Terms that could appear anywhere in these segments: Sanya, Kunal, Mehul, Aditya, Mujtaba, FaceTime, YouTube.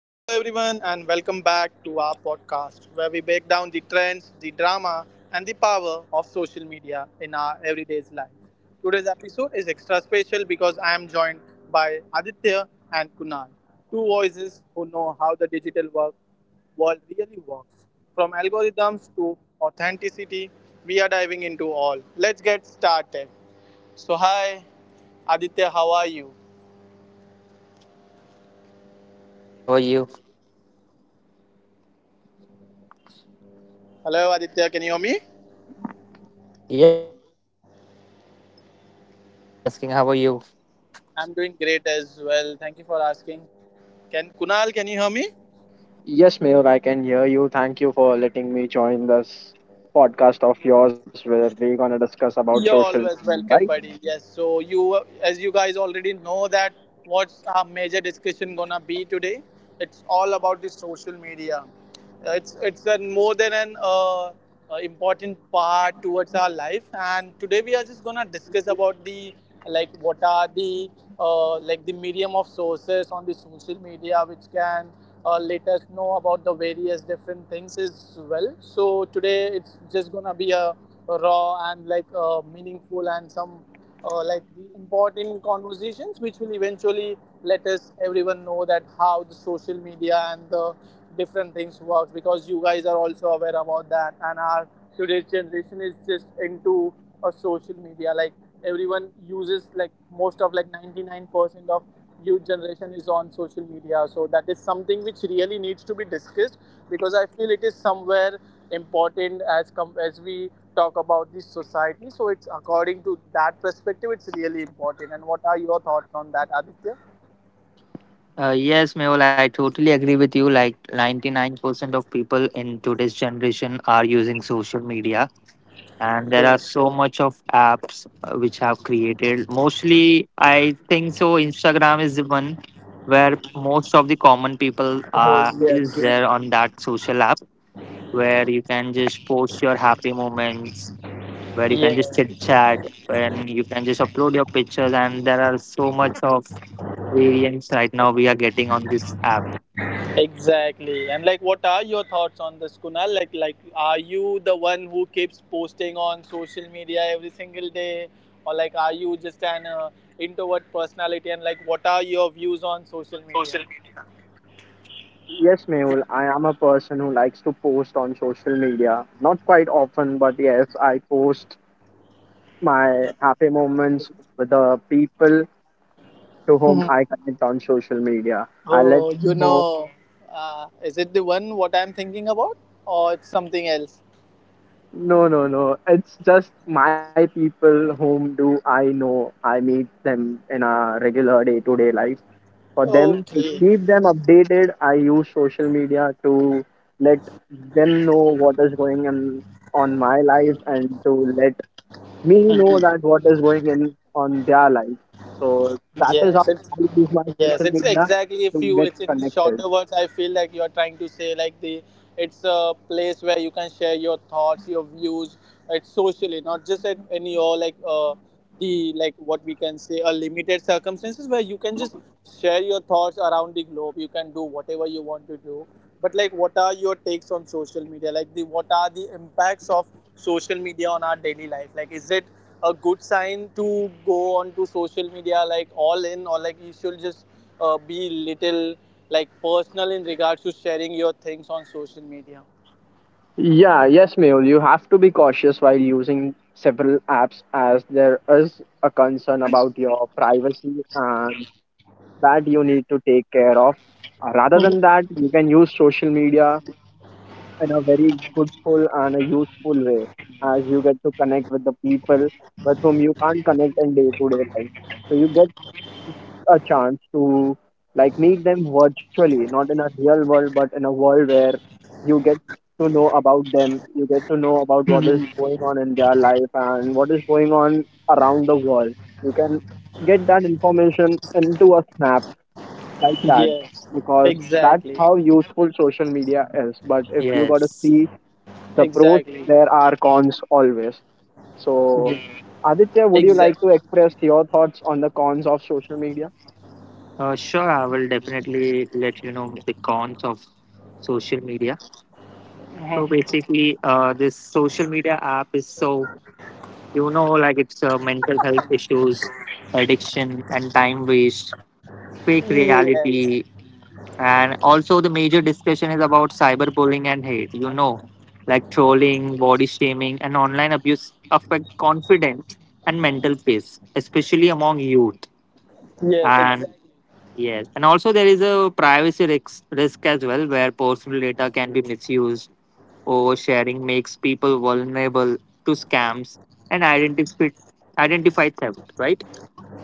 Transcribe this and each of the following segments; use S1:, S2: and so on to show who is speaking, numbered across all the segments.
S1: Hello, everyone, and welcome back to our podcast where we break down the trends, the drama, and the power of social media in our everyday life. Today's episode is extra special because I am joined by Aditya and Kunal, two voices who know how the digital work world really works. From algorithms to authenticity, we are diving into all. Let's get started. So, hi, Aditya, how are you?
S2: Hi, Mehul. I'm good. How are you?
S1: Hello, Aditya, can you hear me?
S2: Yes, Mehul. I'm doing good. Thank you for asking. How are you?
S1: I'm doing great as well. Thank you for asking. Can Kunal, can you hear me?
S3: Yes, Mehul, I can hear you. Thank you for letting me join this podcast of yours where we're gonna discuss about
S1: You're
S3: social media,
S1: always
S3: right?
S1: welcome, buddy. Yes. So you, as you guys already know, that what's our major discussion gonna be today? It's all about the social media. It's a more than an important part towards our life. And today we are just gonna discuss about the, like, what are the like the medium of sources on the social media which can let us know about the various different things as well. So today it's just gonna be a raw and like meaningful and some like the important conversations which will eventually let us everyone know that how the social media and the different things works, because you guys are also aware about that, and our today's generation is just into a social media, like everyone uses, like most of, like 99% of youth generation is on social media, so that is something which really needs to be discussed, because I feel it is somewhere important, as we talk about this society. So it's according to that perspective, it's really important. And what are your thoughts on that, Aditya?
S2: Yes, Mehul. I totally agree with you. Like 99% of people in today's generation are using social media, and there are so
S1: Yes.
S2: much of apps which have created. Mostly, I think so. Instagram is the one where most of the common people
S1: Oh,
S2: are is
S1: yes.
S2: there on that social app where you can just post your happy moments where you can just
S1: Yes.
S2: chit chat, and you can just upload your pictures, and there are so much of variants right now we are getting on this app.
S1: Exactly. And like what are your thoughts on this, Kunal? Like are you the one who keeps posting on social media every single day, or like are you just an introvert personality, and like what are your views on social media?
S3: Yes, Mehul, I am a person who likes to post on social media. Not quite often, but yes, I post my happy moments with the people to whom I connect on social media. I let
S1: Oh,
S3: know.
S1: is it the one what I'm thinking about, or it's something else?
S3: No. It's just my people whom do I know. I meet them in a regular day to day life for them to
S1: Okay.
S3: keep them updated, I use social media to let them know what is going on my life and to let me know that what is going in on their life. So that is how
S1: Yes, it's
S3: I use my
S1: yes,
S3: social
S1: it's
S3: media
S1: exactly. If
S3: to
S1: you,
S3: get
S1: It's in
S3: connected.
S1: shorter words. I feel like you're trying to say like the it's a place where you can share your thoughts, your views. It's socially, not just at any, or like the, like, what we can say, a limited circumstances where you can just share your thoughts around the globe. You can do whatever you want to do. But like, what are your takes on social media? Like the what are the impacts of social media on our daily life? Like, is it a good sign to go on to social media, like, all in, or like you should just be little, like, personal in regards to sharing your things on social media?
S3: Yeah yes, Mehul, you have to be cautious while using several apps as there is a concern about your privacy and that you need to take care of. Rather than that, you can use social media in a very goodful and a useful way as you get to connect with the people with whom you can't connect in day to day life. So you get a chance to like meet them virtually, not in a real world, but in a world where you get to know about them, you get to know about what is going on in their life and what is going on around the world. You can get that information into a snap like that,
S1: Yes.
S3: because that's
S1: Exactly.
S3: how useful social media is. But if you got to
S2: Yes,
S3: see the pros,
S1: Exactly.
S3: there are cons always. So,
S1: Yes.
S3: Aditya, would you like
S1: Exactly.
S3: to express your thoughts on the cons of social media?
S2: sure, I will definitely let you know the cons of social media. So basically, this social media app is so, like it's mental health issues, addiction and time waste, fake
S1: Yes.
S2: reality. And also, the major discussion is about cyberbullying and hate, like trolling, body shaming, and online abuse affect confidence and mental peace, especially among youth.
S1: Yes.
S2: And
S1: Exactly.
S2: yes, and also there is a privacy risk as well, where personal data can be misused. Oversharing makes people vulnerable to scams and identify, identify theft, right?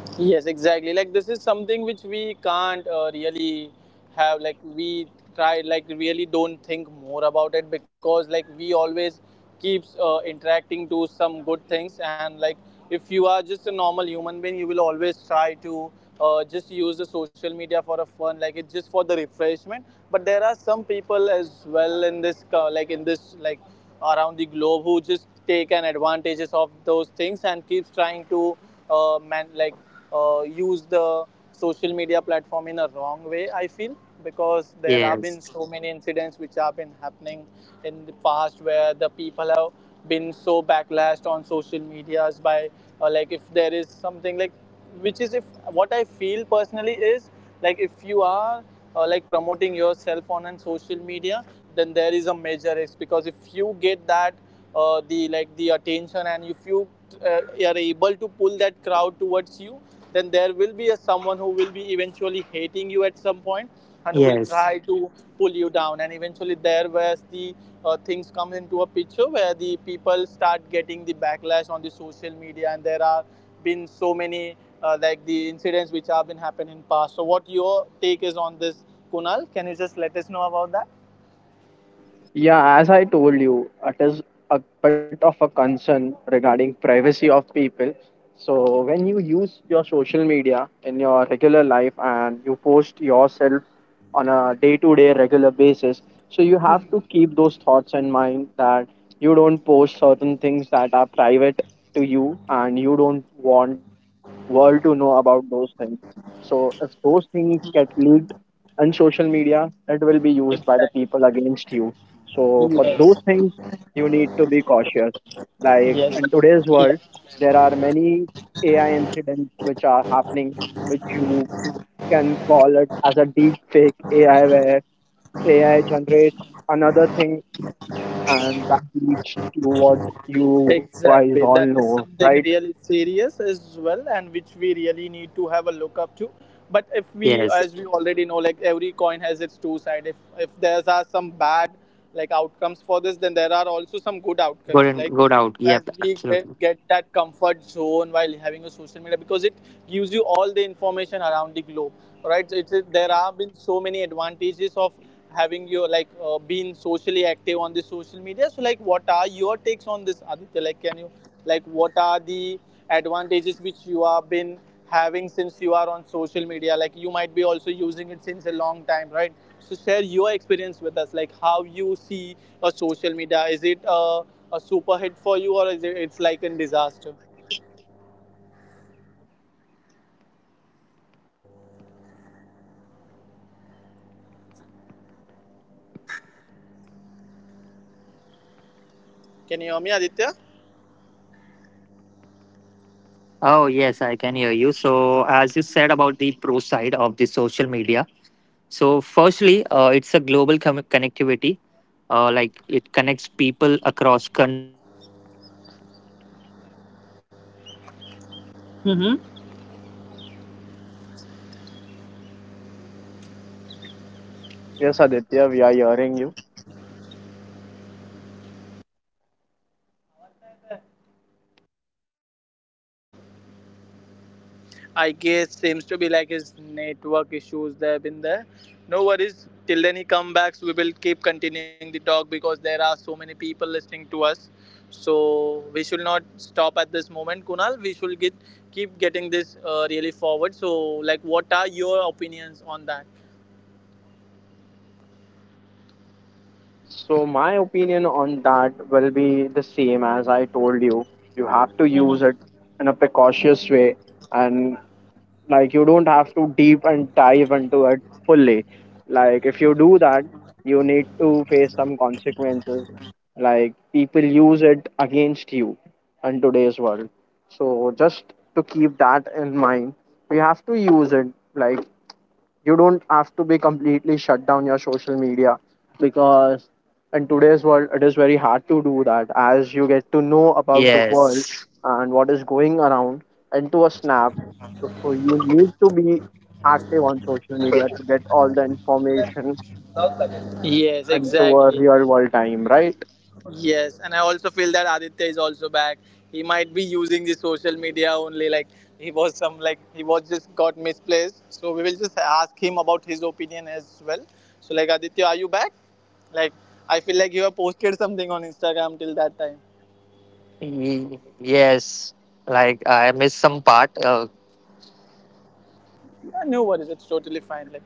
S1: Yes, exactly. Like this is something which we can't really have. Like we try, like really don't think more about it, because like we always keeps interacting to some good things. And like if you are just a normal human being, you will always try to just use the social media for a fun, like it's just for the refreshment, but there are some people as well in this like in this like around the globe who just take an advantages of those things and keeps trying to man like use the social media platform in a wrong way, I feel, because there have been
S2: Yes,
S1: so many incidents which have been happening in the past, where the people have been so backlashed on social medias by, like, if there is something like which is if what I feel personally is, like, if you are like promoting yourself on an social media, then there is a major risk, because if you get that the like the attention, and if you uh, are able to pull that crowd towards you, then there will be a someone who will be eventually hating you at some point and who will
S2: yes,
S1: try to pull you down, and eventually there where the things come into a picture where the people start getting the backlash on the social media, and there are been so many like the incidents which have been happening in past. So what your take is on this, Kunal? Can you just let us know about that?
S3: Yeah, as I told you, it is a bit of a concern regarding privacy of people. So when you use your social media in your regular life and you post yourself on a day-to-day regular basis, so you have to keep those thoughts in mind that you don't post certain things that are private to you and you don't want world to know about those things. So if those things get leaked and social media, it will be used by the people
S1: Exactly.
S3: against you, so for those
S1: Yes.
S3: things you need to be cautious, like
S1: Yes.
S3: in today's
S1: Yes.
S3: world there are many AI incidents which are happening, which you can call it as a deep fake AI, where AI generates another thing and that leads to what you guys
S1: Exactly.
S3: all
S1: That is
S3: know,
S1: something
S3: right?
S1: really serious as well, and which we really need to have a look up to. But if we,
S2: yes.
S1: as we already know, like every coin has its two side. If there's are some bad like outcomes for this, then there are also some good
S2: Good
S1: outcomes.
S2: and
S1: Like
S2: good out.
S1: as
S2: Yep,
S1: we get,
S2: absolutely.
S1: get that comfort zone while having a social media, because it gives you all the information around the globe, right? There have been so many advantages of having you like been socially active on the social media. So like what are your takes on this, Aditya? Like can you, like what are the advantages which you have been having since you are on social media? Like you might be also using it since a long time, right? So share your experience with us. Like how you see a social media. Is it a super hit for you, or is it it's like a disaster? Can you hear me, Aditya?
S2: Oh, yes, I can hear you. So, as you said about the pro side of the social media, so firstly, it's a connectivity. Like it connects people across countries instantly, like making the world feel smaller
S1: Mm-hmm.
S2: and closer. And about the information and awareness as well. Can you hear
S3: Yes,
S2: me, Mehul?
S3: Aditya, we are hearing you.
S2: Hello. Hello, Mehul. Can you
S1: I
S2: hear me?
S1: guess seems to be like his network issues that have been there. No worries. Till then he comes back, so we will keep continuing the talk because there are so many people listening to us. So we should not stop at this moment, Kunal. We should get keep getting this really forward. So, like, what are your opinions on that?
S3: So my opinion on that will be the same as I told you. You
S2: Hello.
S3: have to use it in a precautious way, and like you don't have to deep and dive into it fully. Like if you do that, you need to face some consequences. Like people use it against you in
S2: Yes,
S3: today's
S2: exactly.
S3: world.
S2: Clear again.
S3: So just to keep that in mind, we have to use it like you don't have to be completely shut down your social media, because in today's world it is very hard to do that as you get to know about the world
S2: Yes.
S3: and what is going around into a snap. So you need to be active on social media to get all the information
S1: Yes,
S3: into a
S1: exactly.
S3: real world time, right?
S1: Yes, and I also feel that Aditya is also back. He might be using the social media only. Like he was some like he was just got misplaced. So we will just ask him about his opinion as well. So like Aditya, are you back? Like I feel like you have posted something on Instagram till that time.
S2: Yes, like I missed some part. Uh,
S1: Yeah, no worries. It's totally fine. Like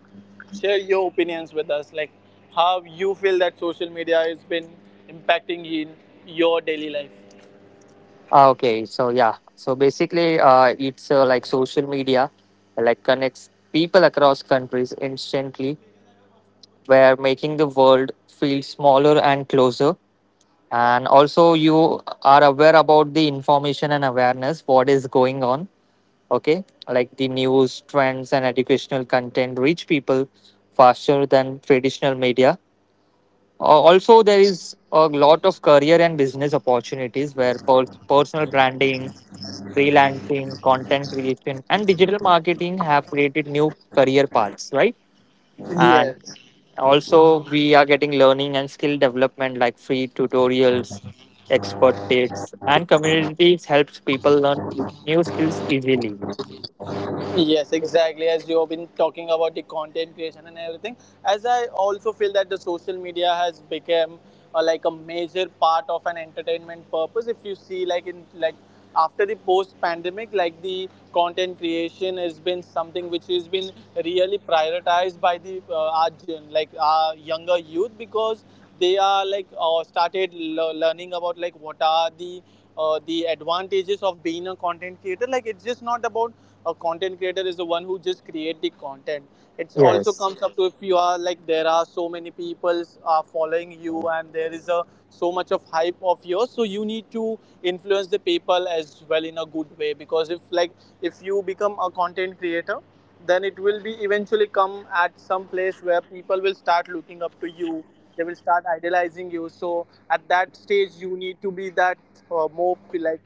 S1: share your opinions with us. Like how you feel that social media has been impacting in your daily life.
S2: ah, okay, so yeah, so basically, uh, it's like social media, like connects people across countries instantly, where making the world feel smaller and closer. And also, you are aware about the information and awareness, what is going on. Okay, like the news, trends, and educational content reach people faster than traditional media. Also, there is a lot of career and business opportunities where personal branding, freelancing, content creation, and digital marketing have created new career paths, right? And
S1: Yes.
S2: also, we are getting learning and skill development like free tutorials, expert tips, and communities helps people learn new skills easily.
S1: Yes, exactly. As you have been talking about the content creation and everything, as I also feel that the social media has become like a major part of an entertainment purpose. If you see, like in like after the post-pandemic, like the content creation has been something which has been really prioritized by the our like our younger youth, because they are like started learning about like what are the advantages of being a content creator. Like it's just not about a content creator is the one who just create the content. It also
S2: Yes.
S1: comes up to if you are like there are so many people are following you, and there is a so much of hype of yours, so you need to influence the people as well in a good way. Because if you become a content creator, then it will be eventually come at some place where people will start looking up to you, they will start idolizing you. So at that stage you need to be that more like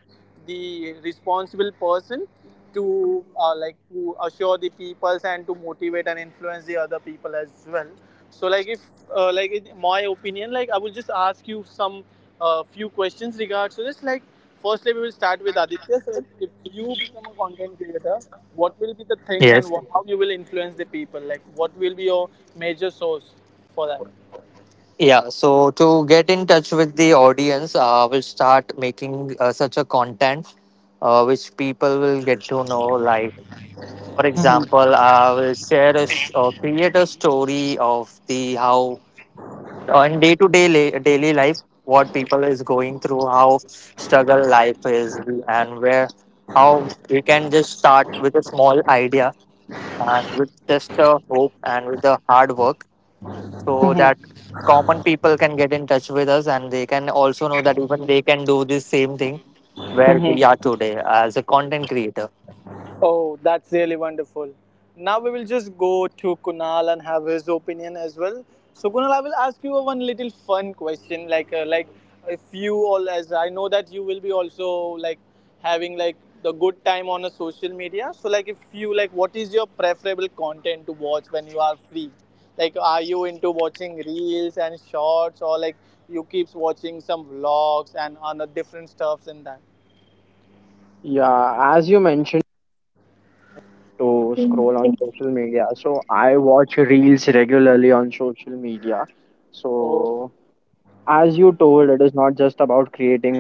S1: the responsible person to like to assure the peoples and to motivate and influence the other people as well. So like if like in my opinion, like I will just ask you some few questions regards to this. Like firstly we will start with Aditya. So like if you become a content creator, what will be the things and
S2: Yes.
S1: how you will influence the people? Like what will be your major source for
S2: Yeah, so to get in touch with the audience, we'll start making such a content which people will get to know. Like, for example, I will share a st- or create a story of the how on day to day daily life what people is going through, how struggle life is, and where how we can just start with a small idea and with just a hope and with the hard work, so
S1: that?
S2: that common people can get in touch with us and they can also know that even they can do this same thing where we are today as a content creator.
S1: Oh, that's really wonderful. Now we will just go to Kunal and have his opinion as well. So Kunal, I will ask you a one little fun question, like if you all, as I know that you will be also like having like the good time on a social media. So like if you like, what is your preferable content to watch when you are free? Like, are you into watching reels and shorts, or like you keeps watching some vlogs and other different stuffs in that?
S3: I watch reels regularly on social media.
S1: Oh.
S3: So, as you told, it is not just about creating.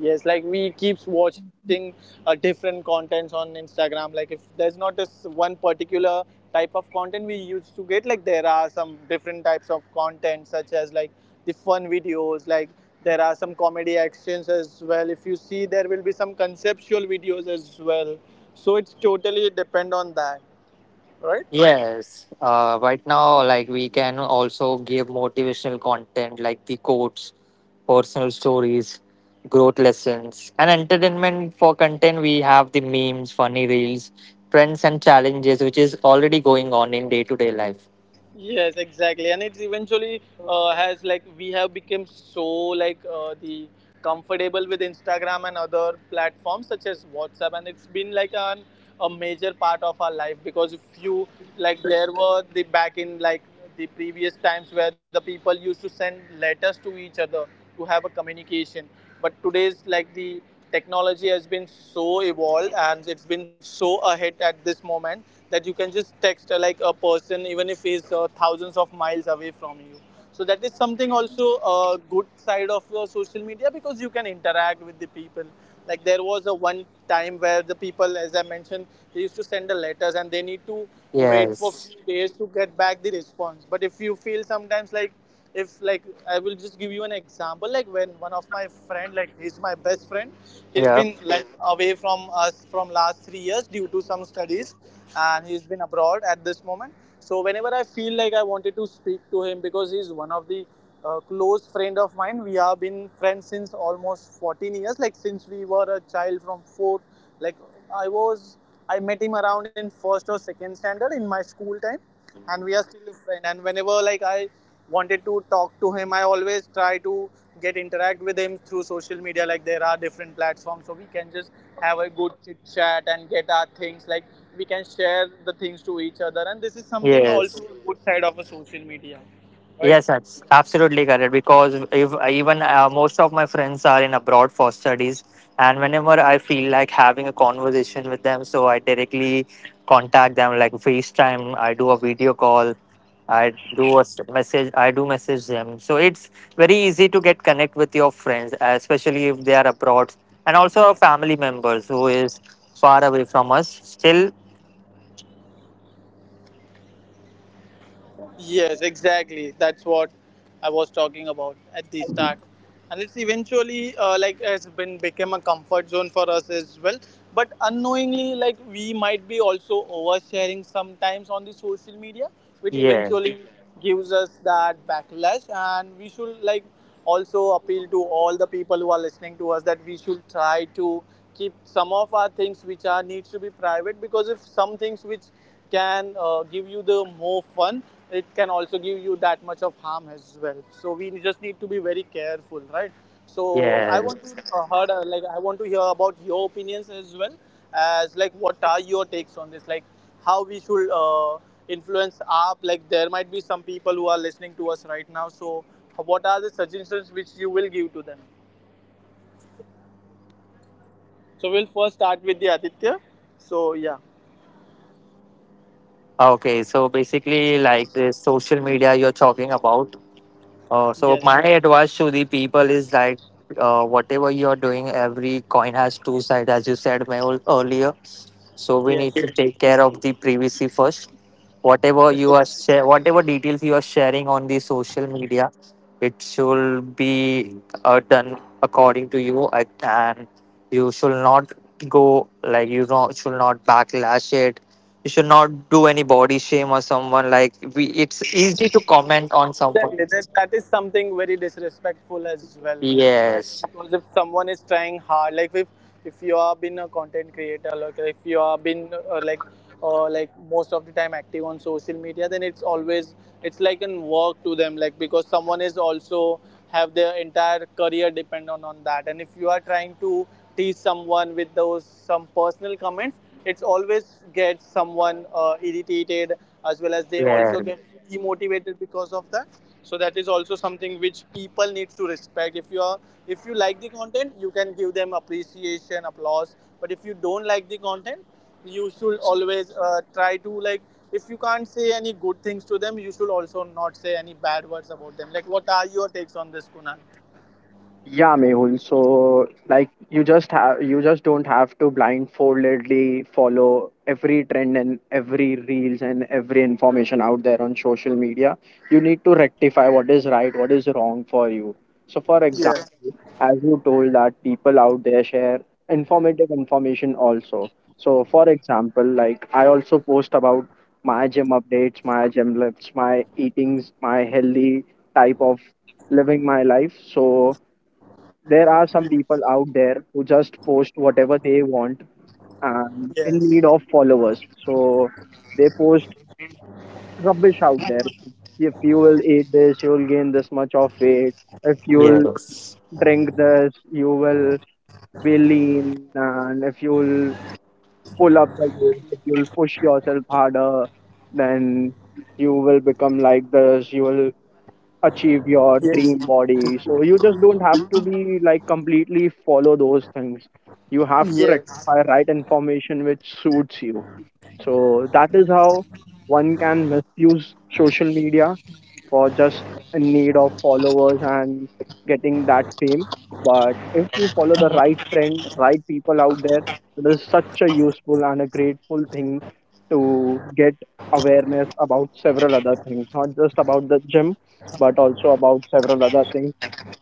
S1: Yes, like we keeps watching different contents on Instagram. Like if there's not this one particular type of content we used to get, like there are some different types of content, such as like the fun videos. Like there are some comedy actions as well. If you see, there will be some conceptual videos as well. So it's totally depend on that, right?
S2: Yes, right now, like we can also give motivational content like the quotes, personal stories, growth lessons, and entertainment for content. We have the memes, funny reels, trends, and challenges, which is already going on in day to day life.
S1: Yes, exactly, and it's eventually has like we have become so like the comfortable with Instagram and other platforms such as WhatsApp, and it's been like an a major part of our life. Because if you like, there were the back in like the previous times where the people used to send letters to each other to have a communication, but today's like the technology has been so evolved and it's been so ahead at this moment that you can just text like a person even if he's thousands of miles away from you. So that is something also a good side of social media, because you can interact with the people. Like there was a one time where the people, as I mentioned, they used to send the letters and they need to wait for
S2: Yes,
S1: few days to get back the response. But if you feel sometimes like, if like I will just give you an example, like when one of my friend, like he's my best friend, he's
S2: yeah,
S1: been like away from us from last 3 years due to some studies, and he's been abroad at this moment. So whenever I feel like I wanted to speak to him, because he's one of the close friend of mine, we have been friends since almost 14 years, like since we were a child from fourth like i was I met him around in first or second standard in my school time, and we are still friends. And whenever like I wanted to talk to him, I always try to get interact with him through social media. Like there are different platforms, so we can just have a good chit chat and get our things, like we can share the things to each other, and this is something
S2: yes.
S1: also good side of a social media, right?
S2: Yes, that's absolutely correct. Because if even most of my friends are in abroad for studies, and whenever I feel like having a conversation with them, so I directly contact them like FaceTime. I do a video call. I do a message. I do message them. So it's very easy to get connect with your friends, especially if they are abroad, and also our family members who is far away from us. Still,
S1: Yes, exactly. That's what I was talking about at the start, and it's eventually like has been become a comfort zone for us as well. But unknowingly, like we might be also oversharing sometimes on the social media, which
S2: yes,
S1: eventually gives us that backlash, and we should like also appeal to all the people who are listening to us, that we should try to keep some of our things which are needs to be private. Because if some things which can give you the more fun, it can also give you that much of harm as well, so we just need to be very careful, right? So I
S2: yes.
S1: want to heard like I want to hear about your opinions as well, as like what are your takes on this, like how we should influence up like. There might be some people who are listening to us right now, so what are the suggestions which you will give to them? So we'll first start with the Aditya, so yeah.
S2: Okay, so basically, like this social media you're talking about. So my
S1: Yes,
S2: advice to the people is like, whatever you're doing, every coin has two sides, as you said Mehul, earlier. So we
S1: yes,
S2: need to
S1: yes,
S2: take care of the privacy first, whatever you are
S1: exactly.
S2: share, whatever details you are sharing on the social media, it should be done according to you, and you should not go like, you know, should not backlash it. You should not do any body shame or someone like we. It's easy to comment on someone.
S1: Exactly. That is something very disrespectful as well, right?
S2: Yes.
S1: Because if someone is trying hard, like if you are been a content creator, like if you are been like most of the time active on social media, then it's always, it's like an work to them. Like because someone is also have their entire career depend on that, and if you are trying to tease someone with those some personal comments, it's always gets someone irritated as well as they also
S2: Yes.
S1: get demotivated because of that. So that is also something which people need to respect. If you are, if you like the content, you can give them appreciation applause. But if you don't like the content, you should always try to like, if you can't say any good things to them, you should also not say any bad words about them. Like what are your takes on this, Kunal?
S3: Yeah, Mehul. So, like, you just have you just don't have to blindfoldedly follow every trend and every reels and every information out there on social media. You need to rectify what is right, what is wrong for you. So, for
S1: Yes,
S3: example, as you told that people out there share informative information also. So, for example, like I also post about my gym updates, my gym lifts, my eatings, my healthy type of living my life. So there are some people out there who just post whatever they want and in need
S1: yes,
S3: of followers. So they post rubbish out there. If you will eat this, you will gain this much of weight. If you'll
S2: Yes.
S3: drink this, you will be lean. And if you'll pull up the weight, if you'll push yourself harder, then you will become like this. You will achieve your
S1: yes,
S3: dream body. So you just don't have to be like completely follow those things. You have to
S1: yes.
S3: rectify right information which suits you. So that is how one can misuse social media for just in need of followers and getting that fame. But if you follow the right trend, right people out there, it is such a useful and a grateful thing to get awareness about several other things, not just about the gym, but also about several other things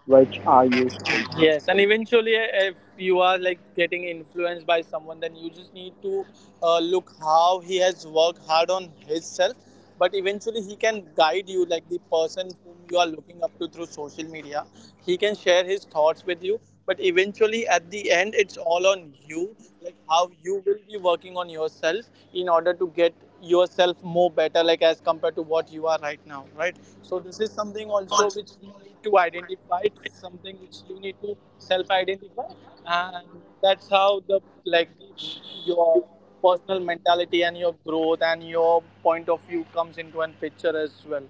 S3: which are useful.
S1: Yes, and eventually, if you are like getting influenced by someone, then you just need to look how he has worked hard on himself. But eventually, he can guide you, like the person whom you are looking up to through social media. He can share his thoughts with you. But eventually, at the end, it's all on you, like how you will be working on yourself in order to get yourself more better, like as compared to what you are right now, right? So, this is something also which we need to identify. It's something which you need to self-identify, and that's how your personal mentality and your growth and your point of view comes into an picture as well,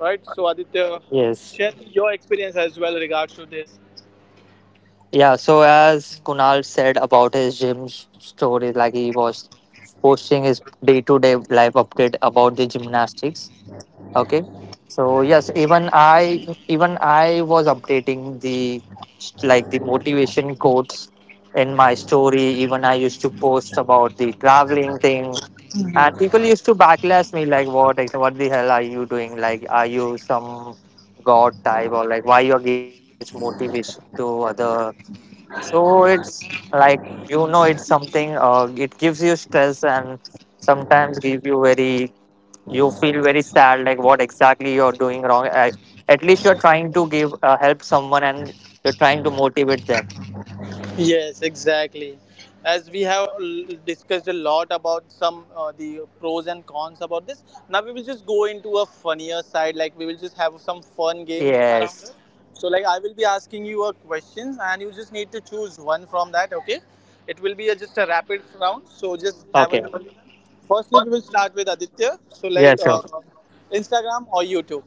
S1: right? So Aditya,
S2: Yes.
S1: share your experience as well regards to this.
S2: Yeah, so as Kunal said about his gym story, like he was posting his day to day life update about the gymnastics. Okay. So yes, even I was updating the like the motivation quotes in my story. Even I used to post about the traveling thing. And people used to backlash me like what, like, what the hell are you doing? Like are you some god type or like why you're giving such motivation to other? So it's like, you know, it's something. It gives you stress and sometimes give you very. You feel very sad. Like what exactly you're doing wrong. At least you're trying to give help someone and you're trying to motivate them.
S1: Yes, exactly. As we have discussed a lot about some the pros and cons about this, now we will just go into a funnier side. Like we will just have some fun games around us.
S2: Yes.
S1: So like I will be asking you a questions, and you just need to choose one from that. Okay, it will be a, just a rapid round. So just have a
S2: Okay.
S1: look. Firstly, we will start with Aditya. So
S2: Yeah.
S1: like
S2: Sure.
S1: Instagram or YouTube.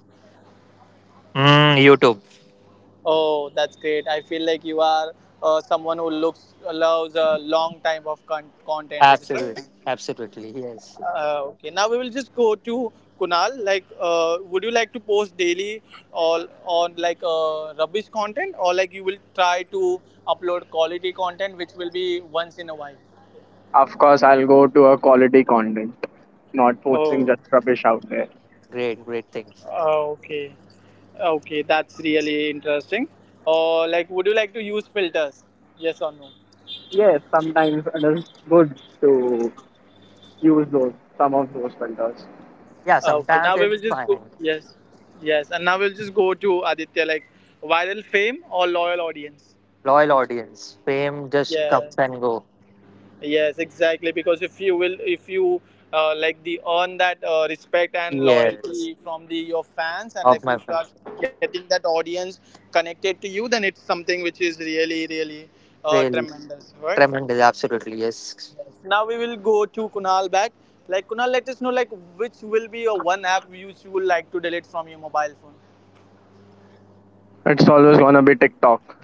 S2: Mm, YouTube.
S1: Oh, that's great. I feel like you are someone who looks loves a long time of content. Is it right?
S2: Absolutely. Absolutely. Yes.
S1: Okay. Now we will just go to Kunal. Like, would you like to post daily or on like rubbish content, or like you will try to upload quality content, which will be once in a while?
S3: Of course, I'll go to a quality content, not posting
S1: Oh,
S3: just rubbish out there.
S2: Great. Great thing.
S1: oh, okay, okay. That's really interesting. Or like, would you like to use filters? Yes or no?
S3: Yes, sometimes it is good to use those some of those filters.
S2: Yeah.
S1: Ah, okay,
S2: Sometimes
S1: now we will
S2: it's
S1: just go.
S2: fine.
S1: Yes, yes, and now we'll just go to Aditya. Like viral fame or loyal audience?
S2: Loyal audience. Fame just
S1: Yes,
S2: comes and go.
S1: yes, exactly. Because if you will, if you like the earn that respect and
S2: Yes.
S1: loyalty from the your fans, and
S2: Of
S1: like
S2: my
S1: you start
S2: friends.
S1: getting that audience connected to you, then it's something which is really, really
S2: Really.
S1: tremendous, right?
S2: Tremendous, absolutely, yes.
S1: Yes. Now we will go to Kunal back. Like Kunal, let us know like which will be your one app which you would like to delete from your mobile phone.
S3: It's always gonna be TikTok.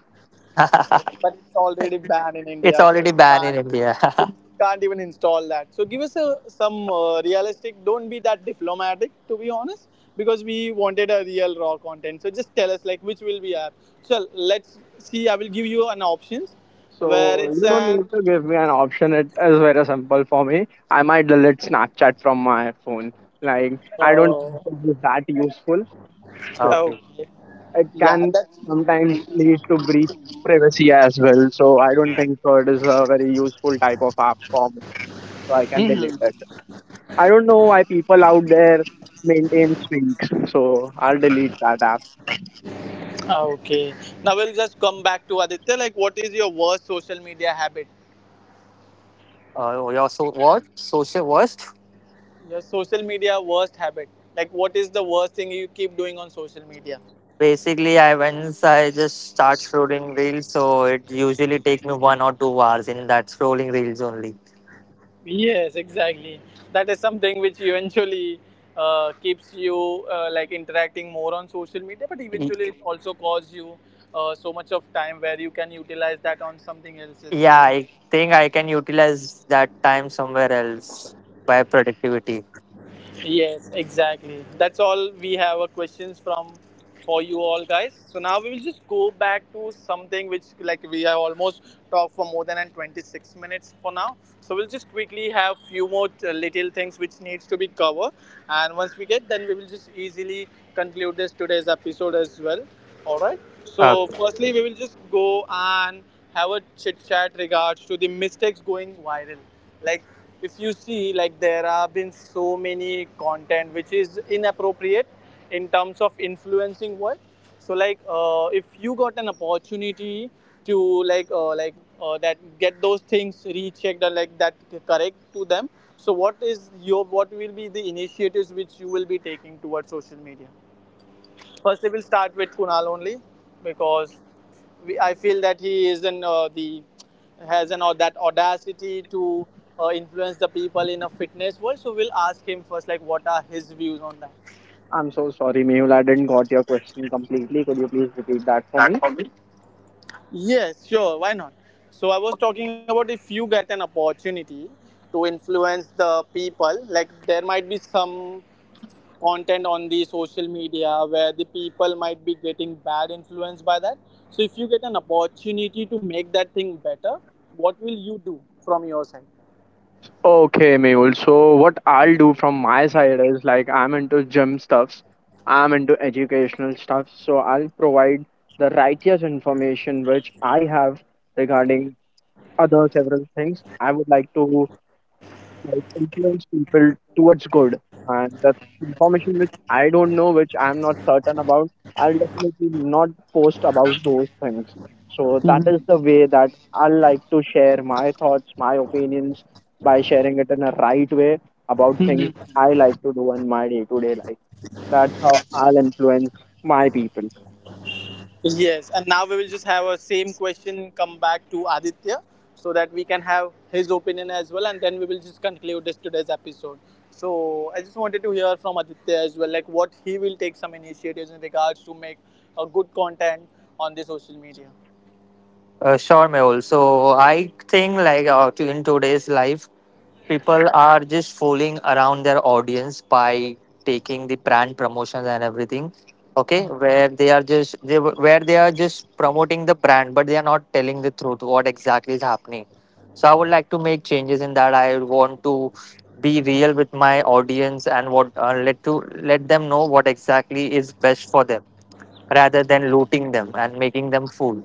S1: But it's already banned in
S2: It's
S1: India, so
S2: already
S1: you
S2: banned in
S1: can't,
S2: India.
S1: you can't even install that. So give us a, some realistic. Don't be that diplomatic, to be honest, because we wanted a real raw content. So just tell us like which will be app. So let's see. I will give you an options where
S3: So
S1: it's
S3: you don't
S1: an.
S3: need to give me an option. It is very simple for me. I might delete Snapchat from my phone. Like I don't
S1: Oh,
S3: think it is that useful. So
S2: Okay.
S1: okay.
S3: it
S1: Yeah,
S3: can
S1: that's.
S3: sometimes lead to breach privacy as well. So I don't think so it is a very useful type of app for me. So I can delete
S1: Hmm.
S3: it. I don't know why people out there maintain streaks. So I'll delete that app.
S1: Okay. Now we'll just come back to Aditya. Like, what is your worst social media habit?
S2: You're so what? Social worst?
S1: Your social media worst habit. Like, what is the worst thing you keep doing on social media?
S2: Basically, I just start scrolling reels, so it usually takes me 1 or 2 hours in that scrolling reels only.
S1: Yes, exactly. That is something which eventually keeps you like interacting more on social media, but
S2: Y-
S1: eventually it also costs you so much of time where you can utilize that on something else as
S2: Yeah,
S1: well.
S2: I think I can utilize that time somewhere else by productivity.
S1: Yes, exactly. That's all we have a questions from for you all guys. So now we will just go back to something which like we have almost talked for more than an 26 minutes for now. So we'll just quickly have few more little things which needs to be covered, and once we get then we will just easily conclude this today's episode as well. All right.
S2: Uh,
S1: So firstly we will just go and have a chit chat regards to the mistakes going viral, like if you see, like there have been so many content which is inappropriate in terms of influencing what. So like if you got an opportunity to like uh, like that get those things rechecked or like that correct to them. So what is your, what will be the initiatives which you will be taking towards social media? First, I will start with Kunal only, because we, I feel that he is in the has an that audacity to influence the people in a fitness world. So we'll ask him first, like, what are his views on that?
S3: I'm so sorry, Mehul. I didn't got your question completely. Could you please repeat that for me?
S1: Yes, sure, why not? So I was talking about if you get an opportunity to influence the people, like there might be some content on the social media where the people might be getting bad influence by that, so if you get an opportunity to make that thing better, what will you do from your side?
S3: Okay, Mehul. So what I'll do from my side is like I'm into gym stuffs, I'm into educational stuff. So I'll provide the righteous information which I have regarding other several things. I would like to like influence people towards good. And that's information which I don't know, which I'm not certain about, I'll definitely not post about those things. So that is the way that I like to share my thoughts, my opinions by sharing it in a right way about things
S1: Mhm.
S3: I like to do in my day to day life. That's how I'll influence my people.
S1: Yes, and now we will just have a same question come back to Aditya, so that we can have his opinion as well, and then we will just conclude this today's episode. So I just wanted to hear from Aditya as well, like what he will take some initiatives in regards to make a good content on the social media.
S2: sure, Mehul. So I think like in today's life, people are just fooling around their audience by taking the brand promotions and everything. Okay, where they are just where they are just promoting the brand, but they are not telling the truth what exactly is happening. So I would like to make changes in that. I want to be real with my audience, and what let to let them know what exactly is best for them, rather than looting them and making them fool.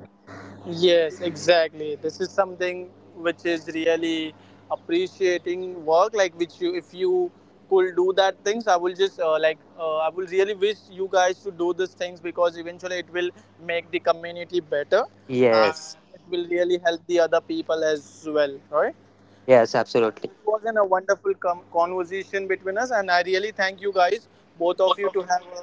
S1: Yes, exactly. This is something which is really appreciating work. Like, which you, if you could do that things, I will just I will really wish you guys to do these things, because eventually it will make the community better, and
S2: Yes.
S1: it will really help the other people as well, right?
S2: Yes,
S1: And
S2: absolutely.
S1: this was an, a wonderful conversation between us, and I really thank you guys, both of you, to have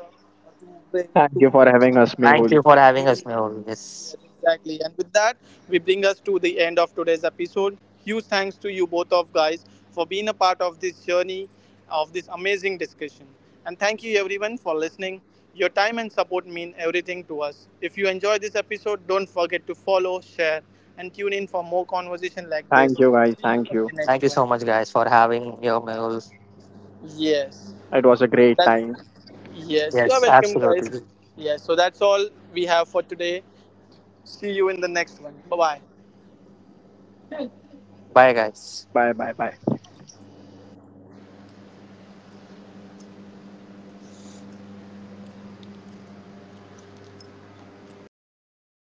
S1: a, to bring
S3: Thank
S1: to
S3: you for
S1: put
S3: having
S1: some
S3: us,
S1: time
S2: Thank
S3: Mehul.
S2: you
S1: with
S2: for having
S1: me.
S2: us,
S1: And,
S2: Mehul.
S1: yes,
S2: Yes.
S1: exactly. And with that, we bring us to the end of today's episode. Huge thanks to you both of guys for being a part of this journey of this amazing discussion. And thank you everyone for listening. Your time and support mean everything to us. If you enjoy this episode, don't forget to follow, share, and tune in for more conversation like this.
S3: Thank you guys.
S1: See you
S3: Thank
S1: in
S3: you.
S1: the
S2: Thank
S1: next
S2: you
S1: one.
S2: so much, guys, for having your Mehul.
S1: Yes.
S3: It was a great
S1: That's
S3: time.
S1: yes. You are
S2: Yes,
S1: welcome guys.
S2: absolutely.
S1: Yes. So that's all we have for today. See you in the next one. Bye bye.
S2: Bye, guys.
S3: Bye bye.